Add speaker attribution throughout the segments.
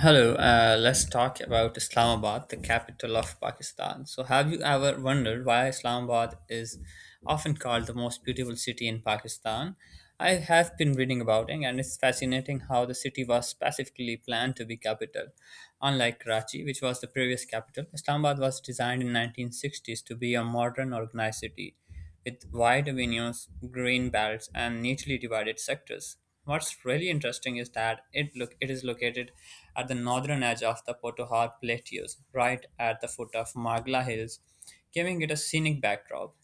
Speaker 1: Hello, let's talk about Islamabad, the capital of Pakistan. So, have you ever wondered why Islamabad is often called the most beautiful city in Pakistan? I have been reading about it, and it's fascinating how the city was specifically planned to be capital. Unlike Karachi, which was the previous capital, Islamabad was designed in 1960s to be a modern, organized city with wide avenues, green belts, and neatly divided sectors. What's really interesting is that it is located at the northern edge of the Potohar Plateaus, right at the foot of Margla Hills, giving it a scenic backdrop.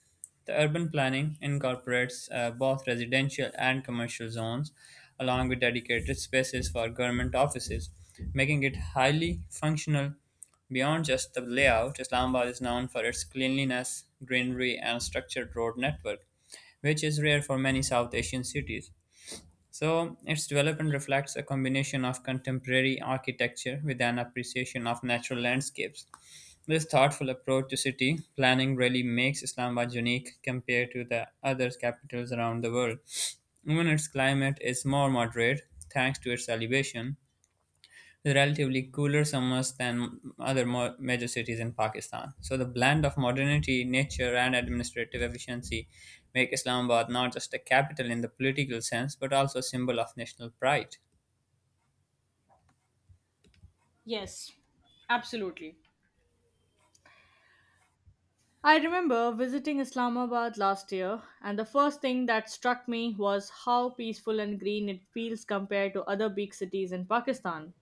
Speaker 1: The urban planning incorporates both residential and commercial zones, along with dedicated spaces for government offices, making it highly functional. Beyond just the layout, Islamabad is known for its cleanliness, greenery, and structured road network, which is rare for many South Asian cities. So, its development reflects a combination of contemporary architecture with an appreciation of natural landscapes. This thoughtful approach to city planning really makes Islamabad unique compared to the other capitals around the world. Even its climate is more moderate thanks to its elevation, relatively cooler summers than other major cities in Pakistan. So the blend of modernity, nature, and administrative efficiency make Islamabad not just a capital in the political sense, but also a symbol of national pride.
Speaker 2: Yes, absolutely. I remember visiting Islamabad last year, and the first thing that struck me was how peaceful and green it feels compared to other big cities in Pakistan.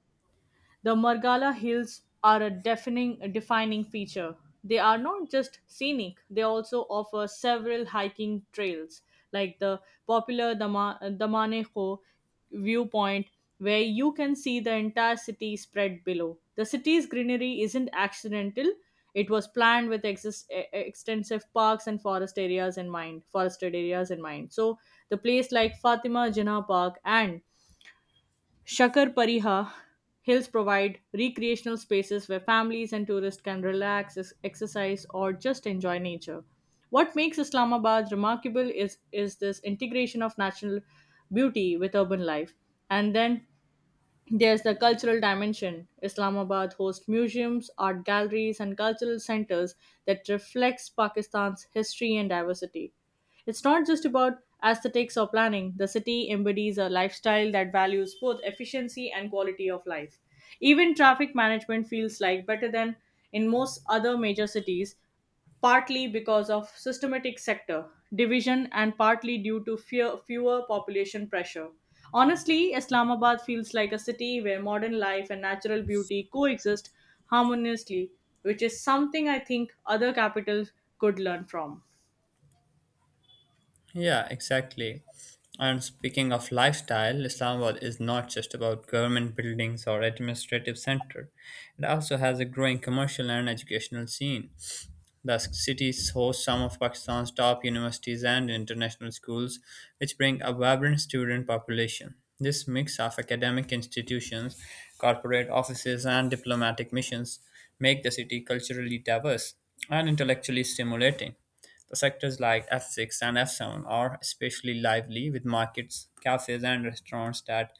Speaker 2: The Margala Hills are a defining feature. They are not just scenic, they also offer several hiking trails, like the popular Damanejo viewpoint, where you can see the entire city spread below. The city's greenery isn't accidental, it was planned with extensive parks and forested areas in mind, so the place like Fatima Jinnah Park and Shakar Pariha Hills provide recreational spaces where families and tourists can relax, exercise, or just enjoy nature. What makes Islamabad remarkable is this integration of natural beauty with urban life. And then there's the cultural dimension. Islamabad hosts museums, art galleries, and cultural centers that reflects Pakistan's history and diversity. It's not just about aesthetics or planning. The city embodies a lifestyle that values both efficiency and quality of life. Even traffic management feels like better than in most other major cities, partly because of systematic sector division and partly due to fewer population pressure. Honestly, Islamabad feels like a city where modern life and natural beauty coexist harmoniously, which is something I think other capitals could learn from.
Speaker 1: Yeah, exactly. And speaking of lifestyle, Islamabad is not just about government buildings or administrative center. It also has a growing commercial and educational scene. The city hosts some of Pakistan's top universities and international schools, which bring a vibrant student population. This mix of academic institutions, corporate offices, and diplomatic missions make the city culturally diverse and intellectually stimulating. The sectors like F6 and F7 are especially lively with markets, cafes, and restaurants that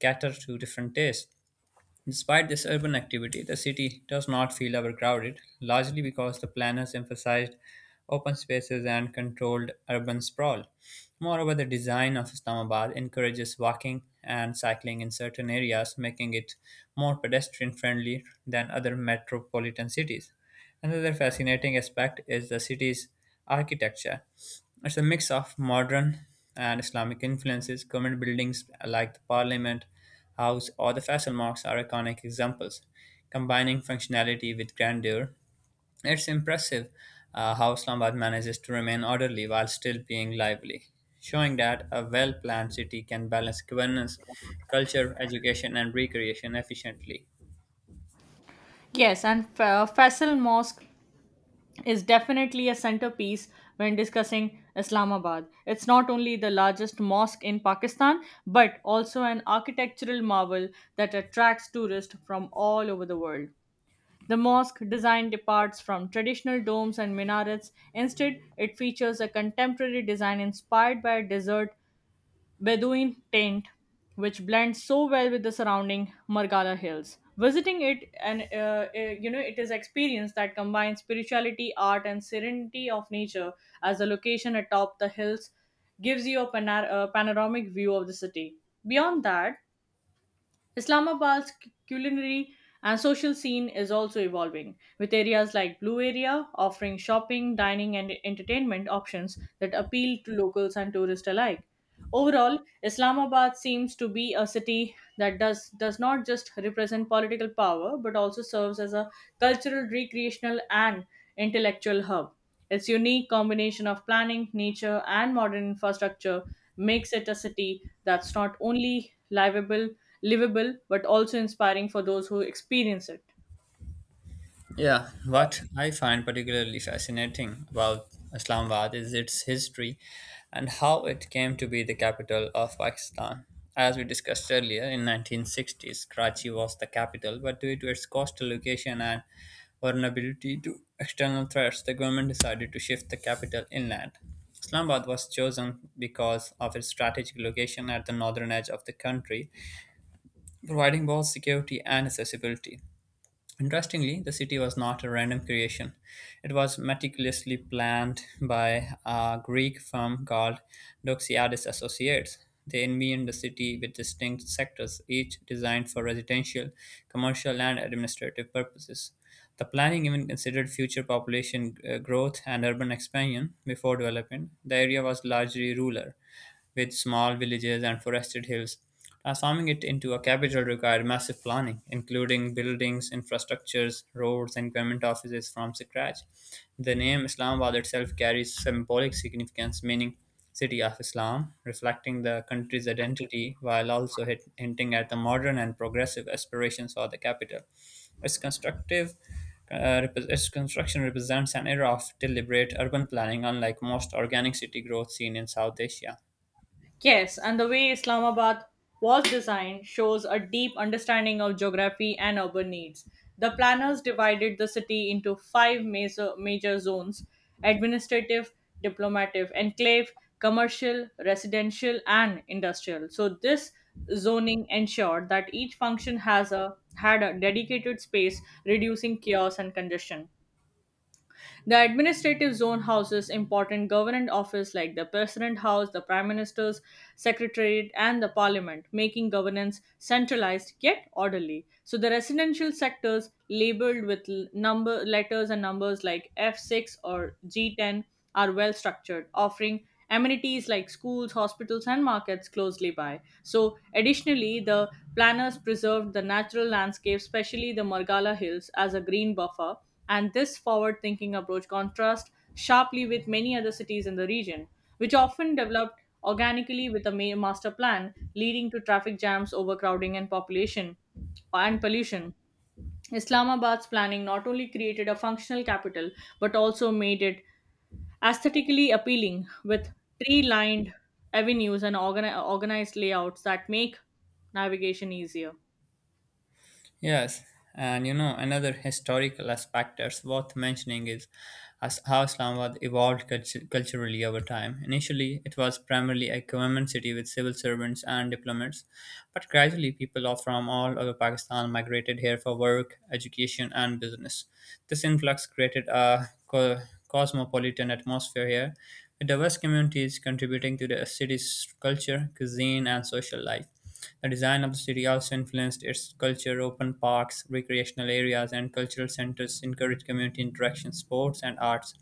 Speaker 1: cater to different tastes. Despite this urban activity, the city does not feel overcrowded, largely because the planners emphasized open spaces and controlled urban sprawl. Moreover, the design of Islamabad encourages walking and cycling in certain areas, making it more pedestrian friendly than other metropolitan cities. Another fascinating aspect is the city's architecture. It's a mix of modern and Islamic influences. Government buildings like the Parliament House or the Faisal Mosque are iconic examples, combining functionality with grandeur. It's impressive how Islamabad manages to remain orderly while still being lively, showing that a well planned city can balance governance, culture, education, and recreation efficiently.
Speaker 2: Yes, and Faisal Mosque is definitely a centerpiece when discussing Islamabad. It's not only the largest mosque in Pakistan, but also an architectural marvel that attracts tourists from all over the world. The mosque design departs from traditional domes and minarets. Instead, it features a contemporary design inspired by a desert Bedouin tent, which blends so well with the surrounding Margala hills. Visiting it, it is experience that combines spirituality, art, and serenity of nature. As the location atop the hills gives you a panoramic view of the city. Beyond that, Islamabad's culinary and social scene is also evolving, with areas like Blue Area offering shopping, dining, and entertainment options that appeal to locals and tourists alike. Overall, Islamabad seems to be a city that does not just represent political power but also serves as a cultural, recreational, and intellectual hub. Its unique combination of planning, nature, and modern infrastructure makes it a city that's not only livable but also inspiring for those who experience it.
Speaker 1: Yeah, what I find particularly fascinating about Islamabad is its history and how it came to be the capital of Pakistan. As we discussed earlier, in 1960s, Karachi was the capital, but due to its coastal location and vulnerability to external threats, the government decided to shift the capital inland. Islamabad was chosen because of its strategic location at the northern edge of the country, providing both security and accessibility. Interestingly, the city was not a random creation. It was meticulously planned by a Greek firm called Doxiadis Associates. They envisioned the city with distinct sectors, each designed for residential, commercial, and administrative purposes. The planning even considered future population growth and urban expansion before development. The area was largely rural, with small villages and forested hills. Transforming it into a capital required massive planning, including buildings, infrastructures, roads, and government offices from scratch. The name Islamabad itself carries symbolic significance, meaning city of Islam, reflecting the country's identity while also hinting at the modern and progressive aspirations for the capital. Its its construction represents an era of deliberate urban planning, unlike most organic city growth seen in South Asia.
Speaker 2: Yes, and the way Islamabad was designed shows a deep understanding of geography and urban needs. The planners divided the city into five major zones: administrative, diplomatic, enclave, commercial, residential, and industrial. So, this zoning ensured that each function has a had a dedicated space, reducing chaos and congestion. The administrative zone houses important government offices like the President House, the Prime Minister's Secretariat, and the Parliament, making governance centralized yet orderly. So the residential sectors labeled with l- number letters and numbers like F6 or G10 are well structured, offering amenities like schools, hospitals, and markets closely by. So, additionally, the planners preserved the natural landscape, especially the Margala Hills, as a green buffer, and this forward thinking approach contrasts sharply with many other cities in the region, which often developed organically with master plan, leading to traffic jams, overcrowding, and population and pollution. Islamabad's planning not only created a functional capital but also made it aesthetically appealing with tree lined avenues and organized layouts that make navigation easier.
Speaker 1: Yes, and you know, another historical aspect that's worth mentioning is as how Islamabad evolved culturally over time. Initially, it was primarily a government city with civil servants and diplomats, but gradually, people from all over Pakistan migrated here for work, education, and business. This influx created a cosmopolitan atmosphere here, with diverse communities contributing to the city's culture, cuisine, and social life. The design of the city also influenced its culture. Open parks, recreational areas, and cultural centers encouraged community interaction, sports, and arts.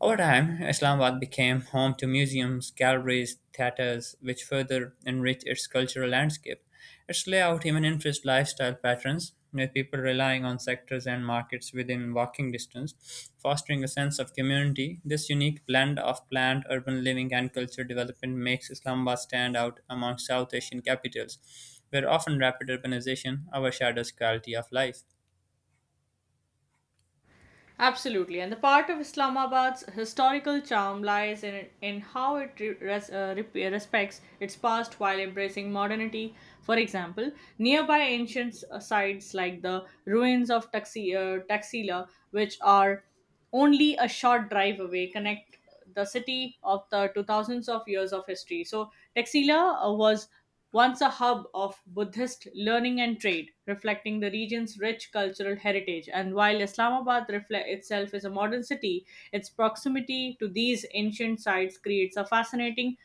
Speaker 1: Over time, Islamabad became home to museums, galleries, theatres, which further enrich its cultural landscape. Its layout even influenced lifestyle patterns, with people relying on sectors and markets within walking distance, fostering a sense of community. This unique blend of planned urban living and cultural development makes Islamabad stand out among South Asian capitals, where often rapid urbanization overshadows quality of life.
Speaker 2: Absolutely, and the part of Islamabad's historical charm lies in how it respects its past while embracing modernity. For example, nearby ancient sites like the ruins of Taxila, which are only a short drive away, connect the city of the to thousands of years of history. So Taxila was once a hub of Buddhist learning and trade, reflecting the region's rich cultural heritage. And while Islamabad reflect itself is a modern city, its proximity to these ancient sites creates a fascinating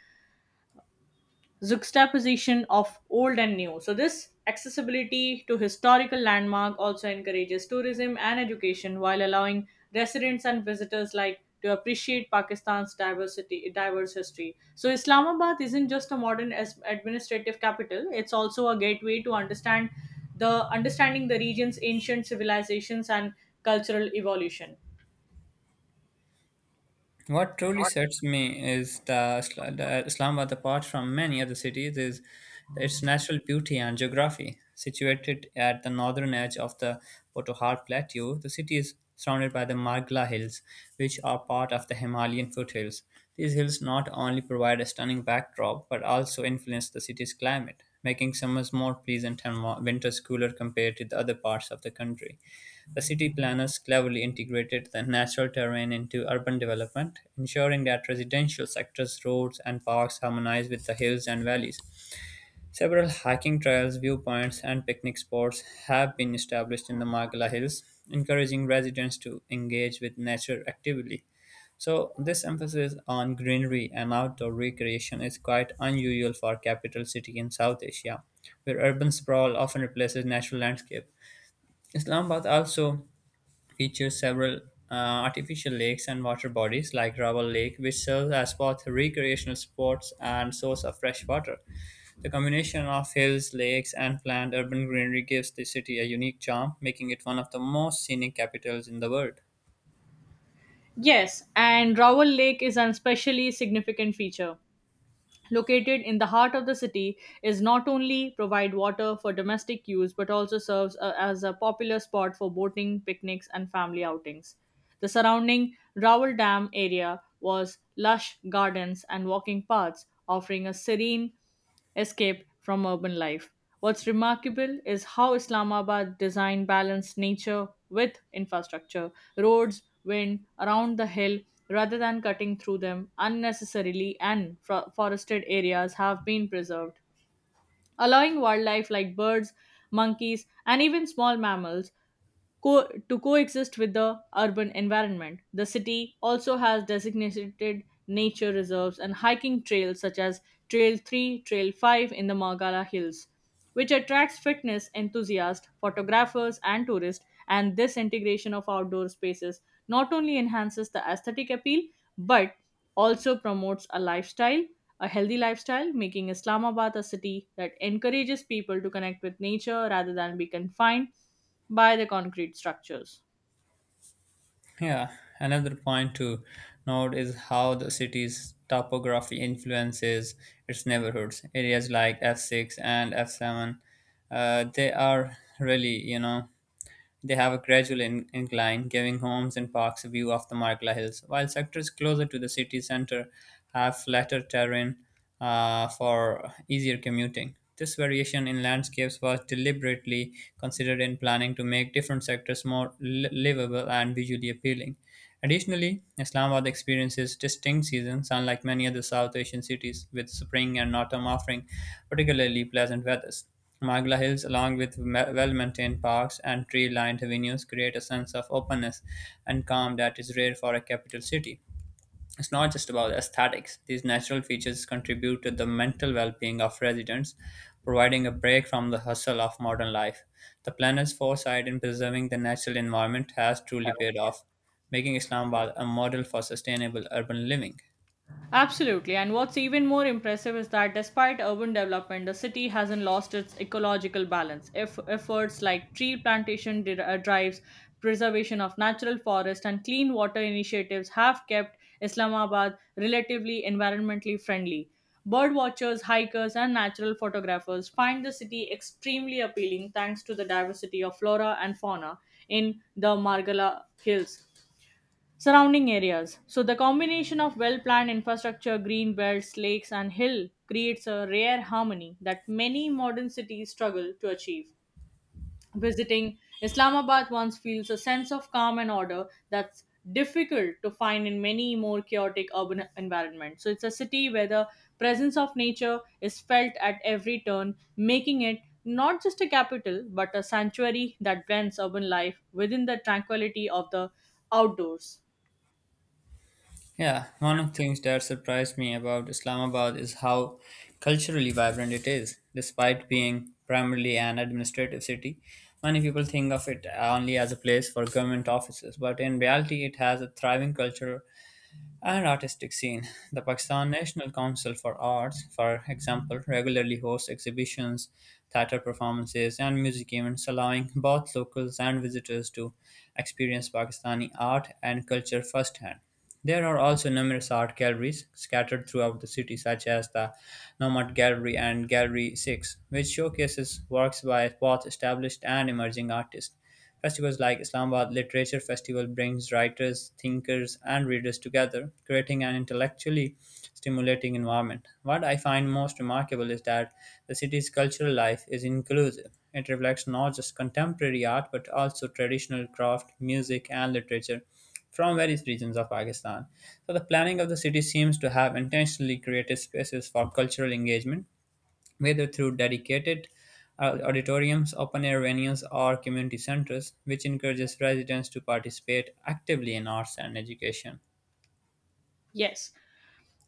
Speaker 2: juxtaposition of old and new. So, this accessibility to historical landmark also encourages tourism and education, while allowing residents and visitors like to appreciate Pakistan's diverse history. So, Islamabad isn't just a modern administrative capital; it's also a gateway to the understanding the region's ancient civilizations and cultural evolution.
Speaker 1: What truly sets me is the Islamabad, apart from many other cities, is its natural beauty and geography. Situated at the northern edge of the Potahar Plateau, the city is surrounded by the Margla Hills, which are part of the Himalayan foothills. These hills not only provide a stunning backdrop but also influence the city's climate, making summers more pleasant and winters cooler compared to the other parts of the country. The city planners cleverly integrated the natural terrain into urban development, ensuring that residential sectors, roads, and parks harmonize with the hills and valleys. Several hiking trails, viewpoints, and picnic spots have been established in the Margala Hills, encouraging residents to engage with nature actively. So, this emphasis on greenery and outdoor recreation is quite unusual for a capital city in South Asia, where urban sprawl often replaces natural landscape. Islamabad also features several uh, artificial lakes and water bodies like Raval Lake, which serves as both recreational spots and source of fresh water. The combination of hills, lakes, and planned urban greenery gives the city a unique charm, making it one of the most scenic capitals in the world.
Speaker 2: Yes, and Rawal Lake is an especially significant feature. Located in the heart of the city, is not only provide water for domestic use but also serves as a popular spot for boating, picnics, and family outings. The surrounding Raoul Dam area was lush gardens and walking paths, offering a serene escape from urban life. What's remarkable is how Islamabad design balanced nature with infrastructure, roads, wind around the hill rather than cutting through them unnecessarily, and forested areas have been preserved, allowing wildlife like birds, monkeys, and even small mammals to coexist with the urban environment. The city also has designated nature reserves and hiking trails such as Trail 3, Trail 5 in the Margala Hills, which attracts fitness enthusiasts, photographers, and tourists. And this integration of outdoor spaces not only enhances the aesthetic appeal but also promotes a healthy lifestyle, making Islamabad a city that encourages people to connect with nature rather than be confined by the concrete structures.
Speaker 1: Yeah, another point to note is how the city's topography influences its neighborhoods. Areas like F6 and F7, they are really, you know, they have a gradual incline, giving homes and parks a view of the Margla Hills, while sectors closer to the city center have flatter terrain for easier commuting. This variation in landscapes was deliberately considered in planning to make different sectors more livable and visually appealing. Additionally, Islamabad experiences distinct seasons, unlike many other South Asian cities, with spring and autumn offering particularly pleasant weathers. Magla Hills, along with well-maintained parks and tree-lined avenues, create a sense of openness and calm that is rare for a capital city. It's not just about aesthetics. These natural features contribute to the mental well being of residents, providing a break from the hustle of modern life. The planner's foresight in preserving the natural environment has truly paid off, making Islamabad a model for sustainable urban living.
Speaker 2: Absolutely. And what's even more impressive is that despite urban development, the city hasn't lost its ecological balance. If efforts like tree plantation drives, preservation of natural forest, and clean water initiatives have kept Islamabad relatively environmentally friendly. Bird watchers, hikers, and natural photographers find the city extremely appealing thanks to the diversity of flora and fauna in the Margala Hills, surrounding areas. So, the combination of well planned infrastructure, green belts, lakes, and hill creates a rare harmony that many modern cities struggle to achieve. Visiting Islamabad once feels a sense of calm and order that's difficult to find in many more chaotic urban environments. So, it's a city where the presence of nature is felt at every turn, making it not just a capital but a sanctuary that blends urban life within the tranquility of the outdoors.
Speaker 1: Yeah, one of the things that surprised me about Islamabad is how culturally vibrant it is. Despite being primarily an administrative city, many people think of it only as a place for government offices, but in reality, it has a thriving culture and artistic scene. The Pakistan National Council for Arts, for example, regularly hosts exhibitions, theater performances, and music events, allowing both locals and visitors to experience Pakistani art and culture firsthand. There are also numerous art galleries scattered throughout the city, such as the Nomad Gallery and Gallery 6, which showcases works by both established and emerging artists. Festivals like Islamabad Literature Festival brings writers, thinkers, and readers together, creating an intellectually stimulating environment. What I find most remarkable is that the city's cultural life is inclusive. It reflects not just contemporary art but also traditional craft, music, and literature from various regions of Pakistan. So, the planning of the city seems to have intentionally created spaces for cultural engagement whether through dedicated auditoriums, open air venues, or community centers, which encourages residents to participate actively in arts and education.
Speaker 2: Yes.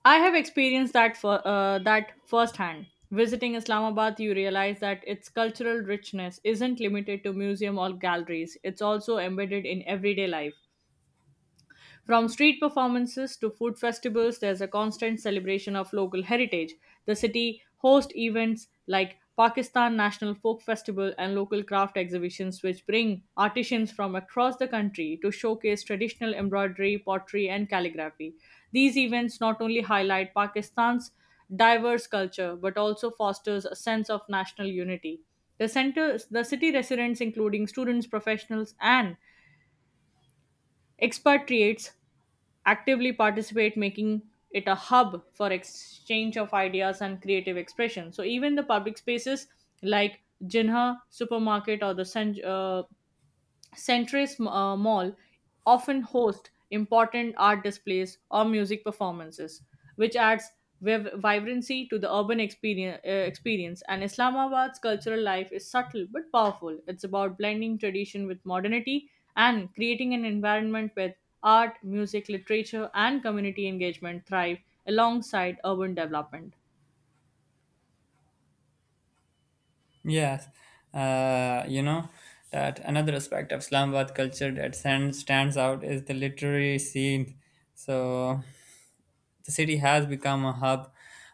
Speaker 2: I have experienced that that firsthand. Visiting Islamabad, you realize that its cultural richness isn't limited to museum or galleries. It's also embedded in everyday life. From street performances to food festivals, there's a constant celebration of local heritage. The city hosts events like Pakistan National Folk Festival and local craft exhibitions, which bring artisans from across the country to showcase traditional embroidery, pottery, and calligraphy. These events not only highlight Pakistan's diverse culture but also fosters a sense of national unity. The city residents, including students, professionals, and expatriates, actively participate, making it a hub for exchange of ideas and creative expression. So even the public spaces like jinha supermarket or the Centuries Mall often host important art displays or music performances, which adds vibrancy to the urban experience. And Islamabad's cultural life is subtle but powerful. It's about blending tradition with modernity and creating an environment where art, music, literature, and community engagement thrive alongside urban development.
Speaker 1: Yes, you know that another aspect of Islamabad culture that stands out is the literary scene. So the city has become a hub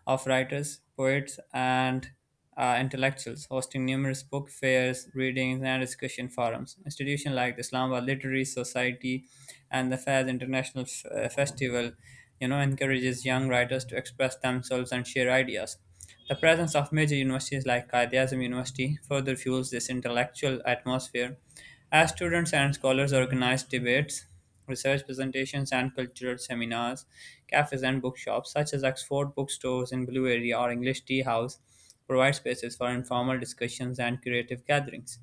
Speaker 1: of writers, poets, and intellectuals, hosting numerous book fairs, readings, and discussion forums. Institutions like the Islamabad Literary Society and the Fairs International Festival, you know, encourages young writers to express themselves and share ideas. The presence of major universities like Qaid Azam University further fuels this intellectual atmosphere as students and scholars organize debates, research presentations, and cultural seminars, cafes, and bookshops such as Oxford bookstores in Blue Area or English Tea House provide spaces for informal discussions and creative gatherings.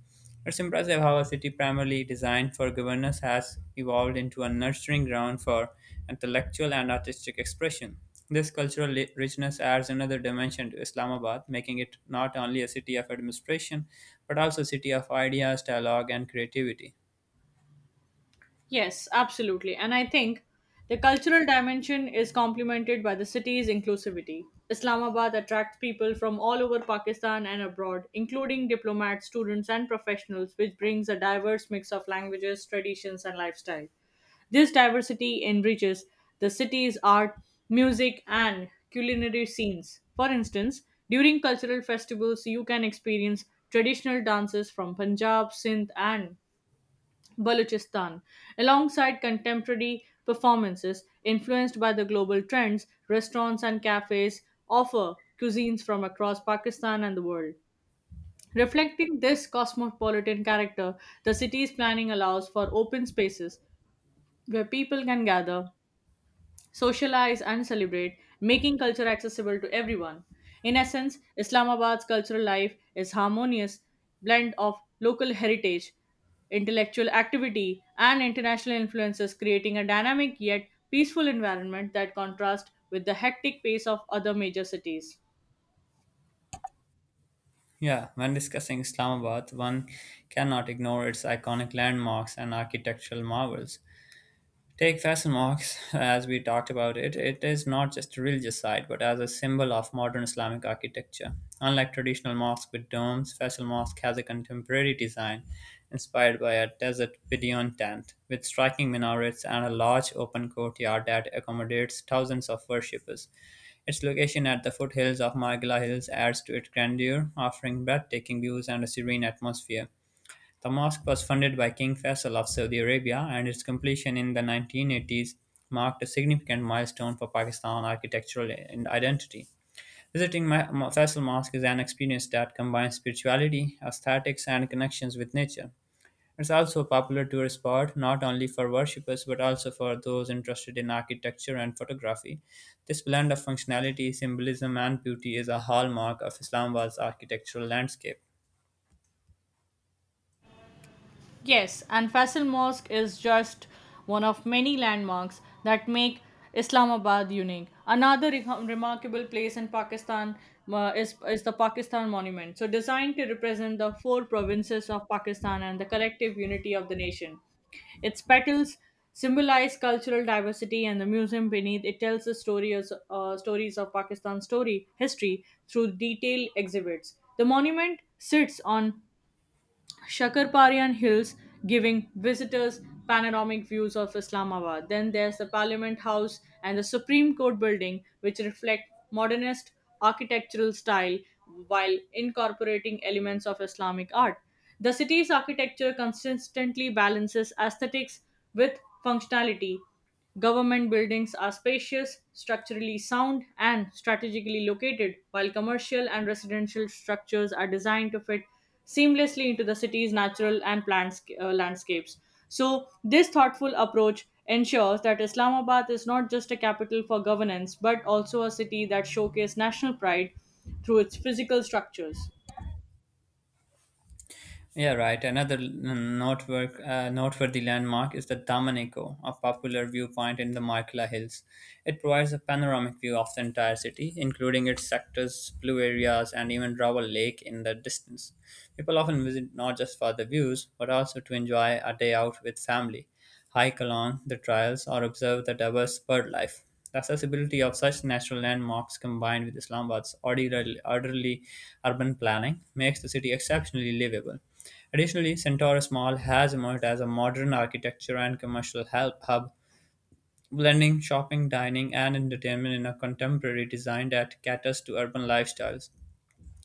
Speaker 1: It's impressive how a city primarily designed for governance has evolved into a nurturing ground for intellectual and artistic expression. This cultural richness adds another dimension to Islamabad, making it not only a city of administration, but also a city of ideas, dialogue, and creativity.
Speaker 2: Yes, absolutely. And I think the cultural dimension is complemented by the city's inclusivity. Islamabad attracts people from all over Pakistan and abroad, including diplomats, students, and professionals, which brings a diverse mix of languages, traditions, and lifestyle. This diversity enriches the city's art, music, and culinary scenes. For instance, during cultural festivals, you can experience traditional dances from Punjab, Sindh, and Balochistan, alongside contemporary performances influenced by the global trends. Restaurants and cafes offer cuisines from across Pakistan and the world. Reflecting this cosmopolitan character, the city's planning allows for open spaces where people can gather, socialize, and celebrate, making culture accessible to everyone. In essence, Islamabad's cultural life is harmonious blend of local heritage, intellectual activity, and international influences, creating a dynamic yet peaceful environment that contrasts with the hectic pace of other major cities.
Speaker 1: Yeah, when discussing Islamabad, one cannot ignore its iconic landmarks and architectural marvels. Take fashion marks, as we talked about it, it is not just a religious site but as a symbol of modern Islamic architecture. Unlike traditional mosques with domes, Faisal Mosque has a contemporary design inspired by a desert Bedouin tent, with striking minarets and a large open courtyard that accommodates thousands of worshippers. Its location at the foothills of Margila Hills adds to its grandeur, offering breathtaking views and a serene atmosphere. The mosque was funded by King Faisal of Saudi Arabia, and its completion in the 1980s marked a significant milestone for Pakistan architectural and identity. Visiting Faisal Mosque is an experience that combines spirituality, aesthetics, and connections with nature. It's also a popular tourist spot not only for worshippers but also for those interested in architecture and photography. This blend of functionality, symbolism, and beauty is a hallmark of Islamabad's architectural landscape.
Speaker 2: Yes, and Faisal Mosque is just one of many landmarks that make Islamabad unique. Another remarkable place in Pakistan is the Pakistan Monument. So, designed to represent the four provinces of Pakistan and the collective unity of the nation. Its petals symbolize cultural diversity, and the museum beneath it tells stories of Pakistan's story history through detailed exhibits. The monument sits on Shakarparian Hills, giving visitors panoramic views of Islamabad. Then there's the Parliament House and the Supreme Court building, which reflect modernist architectural style while incorporating elements of Islamic art. The city's architecture consistently balances aesthetics with functionality. Government buildings are spacious, structurally sound, and strategically located, while commercial and residential structures are designed to fit seamlessly into the city's natural and planned landscapes. So, this thoughtful approach ensures that Islamabad is not just a capital for governance, but also a city that showcases national pride through its physical structures.
Speaker 1: Yeah, right. Another noteworthy landmark is the Damanico, a popular viewpoint in the Markla Hills. It provides a panoramic view of the entire city, including its sectors, blue areas, and even Rawa Lake in the distance. People often visit not just for the views, but also to enjoy a day out with family. High-Colon, the trials, or observe the diverse bird life. The accessibility of such natural landmarks, combined with Islamabad's orderly urban planning, makes the city exceptionally livable. Additionally, Centaurus Mall has emerged as a modern architecture and commercial help hub, blending shopping, dining, and entertainment in a contemporary design that caters to urban lifestyles.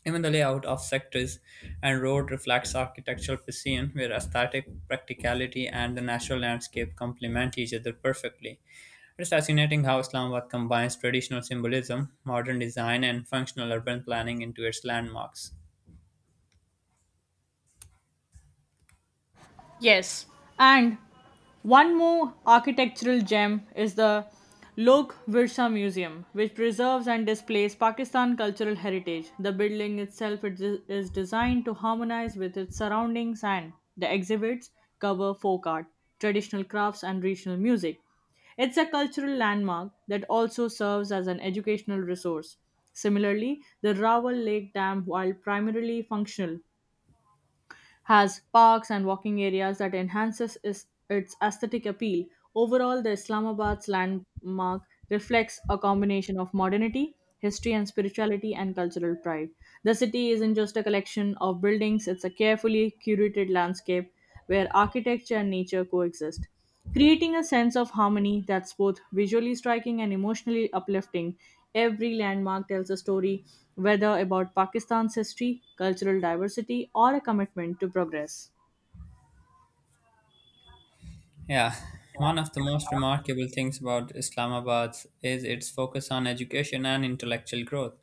Speaker 1: Even the layout of sectors and road reflects architectural precision, where aesthetic practicality and the natural landscape complement each other perfectly. It is fascinating how Islamabad combines traditional symbolism, modern design, and functional urban planning into its landmarks.
Speaker 2: Yes, and one more architectural gem is the Lok Virsa Museum, which preserves and displays Pakistan cultural heritage. The building itself it is designed to harmonize with its surroundings, and the exhibits cover folk art, traditional crafts, and regional music. It's a cultural landmark that also serves as an educational resource. Similarly, the Rawal Lake Dam, while primarily functional, has parks and walking areas that its aesthetic appeal. Overall, the Islamabad's landmark reflects a combination of modernity, history and spirituality and cultural pride. The city isn't just a collection of buildings, it's a carefully curated landscape where architecture and nature coexist, creating a sense of harmony that's both visually striking and emotionally uplifting. Every landmark tells a story, whether about Pakistan's history, cultural diversity, or a commitment to progress.
Speaker 1: Yeah, one of the most remarkable things about Islamabad is its focus on education and intellectual growth.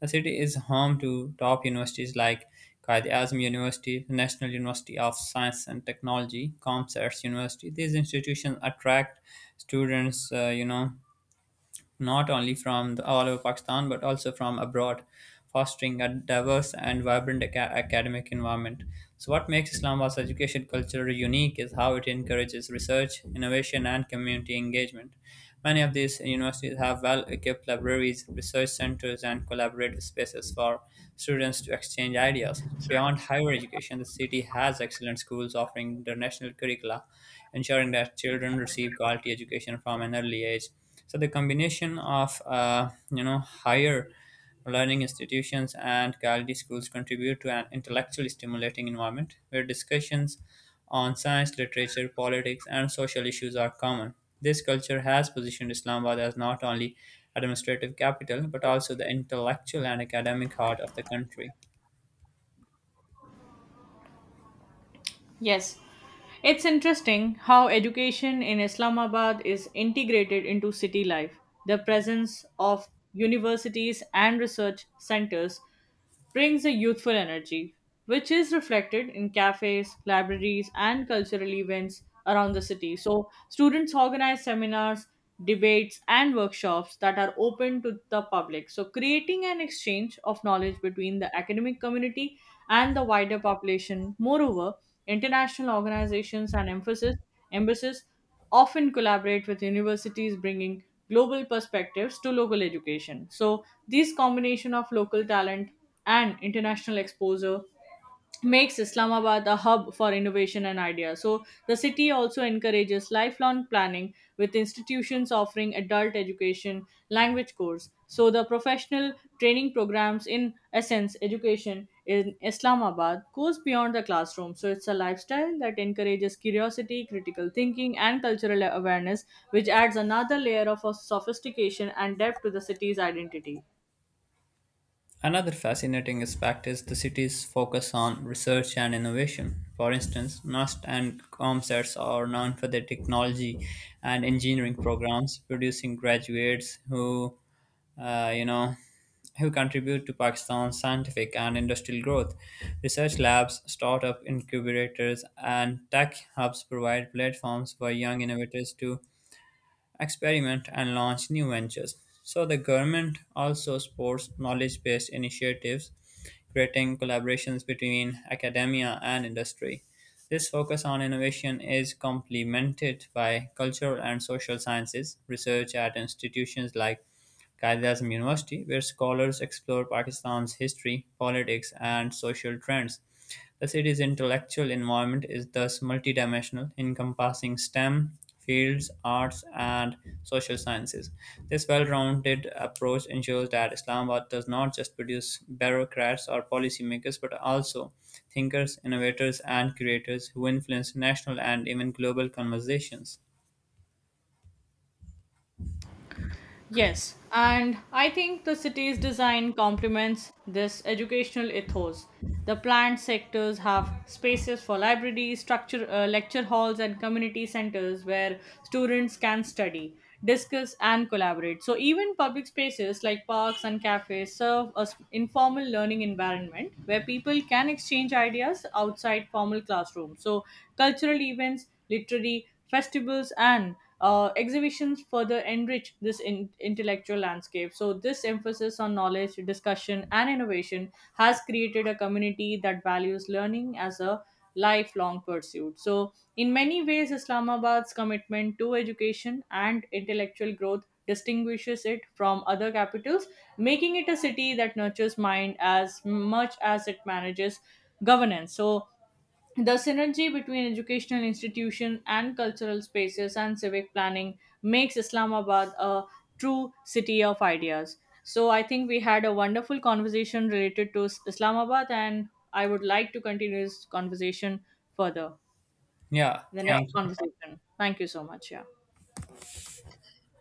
Speaker 1: The city is home to top universities like Qaid Azam University, National University of Science and Technology, ComScience University. These institutions attract students, not only from all over Pakistan but also from abroad, fostering a diverse and vibrant academic environment. So, what makes Islamabad's education culture unique is how it encourages research, innovation, and community engagement. Many of these universities have well equipped libraries, research centers, and collaborative spaces for students to exchange ideas. Beyond higher education, the city has excellent schools offering international curricula, ensuring that children receive quality education from an early age. So the combination of higher learning institutions and quality schools contribute to an intellectually stimulating environment where discussions on science, literature, politics, and social issues are common. This culture has positioned Islamabad as not only administrative capital but also the intellectual and academic heart of the country.
Speaker 2: Yes, it's interesting how education in Islamabad is integrated into city life. The presence of universities and research centers brings a youthful energy, which is reflected in cafes, libraries, and cultural events around the city. So, students organize seminars, debates, and workshops that are open to the public. So, creating an exchange of knowledge between the academic community and the wider population. Moreover, international organizations and embassies often collaborate with universities, bringing global perspectives to local education. So, this combination of local talent and international exposure makes Islamabad a hub for innovation and ideas. So the city also encourages lifelong planning with institutions offering adult education, language course. So the professional training programs in essence education in Islamabad goes beyond the classroom. So it's a lifestyle that encourages curiosity, critical thinking and cultural awareness, which adds another layer of sophistication and depth to the city's identity.
Speaker 1: Another fascinating aspect is the city's focus on research and innovation. For instance, NUST and COMSETS are known for their technology and engineering programs, producing graduates who, uh, you know, who contribute to Pakistan's scientific and industrial growth. Research labs, startup incubators, and tech hubs provide platforms for young innovators to experiment, and launch new ventures. So, the government also supports knowledge based initiatives, creating collaborations between academia and industry. This focus on innovation is complemented by cultural and social sciences research at institutions like Kailasam University, where scholars explore Pakistan's history, politics, and social trends. The city's intellectual environment is thus multidimensional, encompassing STEM fields, arts, and social sciences. This well rounded approach ensures that Islamabad does not just produce bureaucrats or policymakers, but also thinkers, innovators, and curators who influence national and even global conversations.
Speaker 2: Yes, and I think the city's design complements this educational ethos. The planned sectors have spaces for libraries, lecture halls, and community centers where students can study, discuss, and collaborate. So, even public spaces like parks and cafes serve as informal learning environment where people can exchange ideas outside formal classrooms. So, cultural events, literary festivals and exhibitions further enrich this intellectual landscape. So, this emphasis on knowledge, discussion, and innovation has created a community that values learning as a lifelong pursuit. So, in many ways, Islamabad's commitment to education and intellectual growth distinguishes it from other capitals, making it a city that nurtures mind as much as it manages governance. So, the synergy between educational institutions and cultural spaces and civic planning makes Islamabad a true city of ideas. So I think we had a wonderful conversation related to Islamabad, and I would like to continue this conversation further
Speaker 1: Yeah,
Speaker 2: in the Yeah. next
Speaker 1: thank you.
Speaker 2: conversation. Thank you so much. Yeah.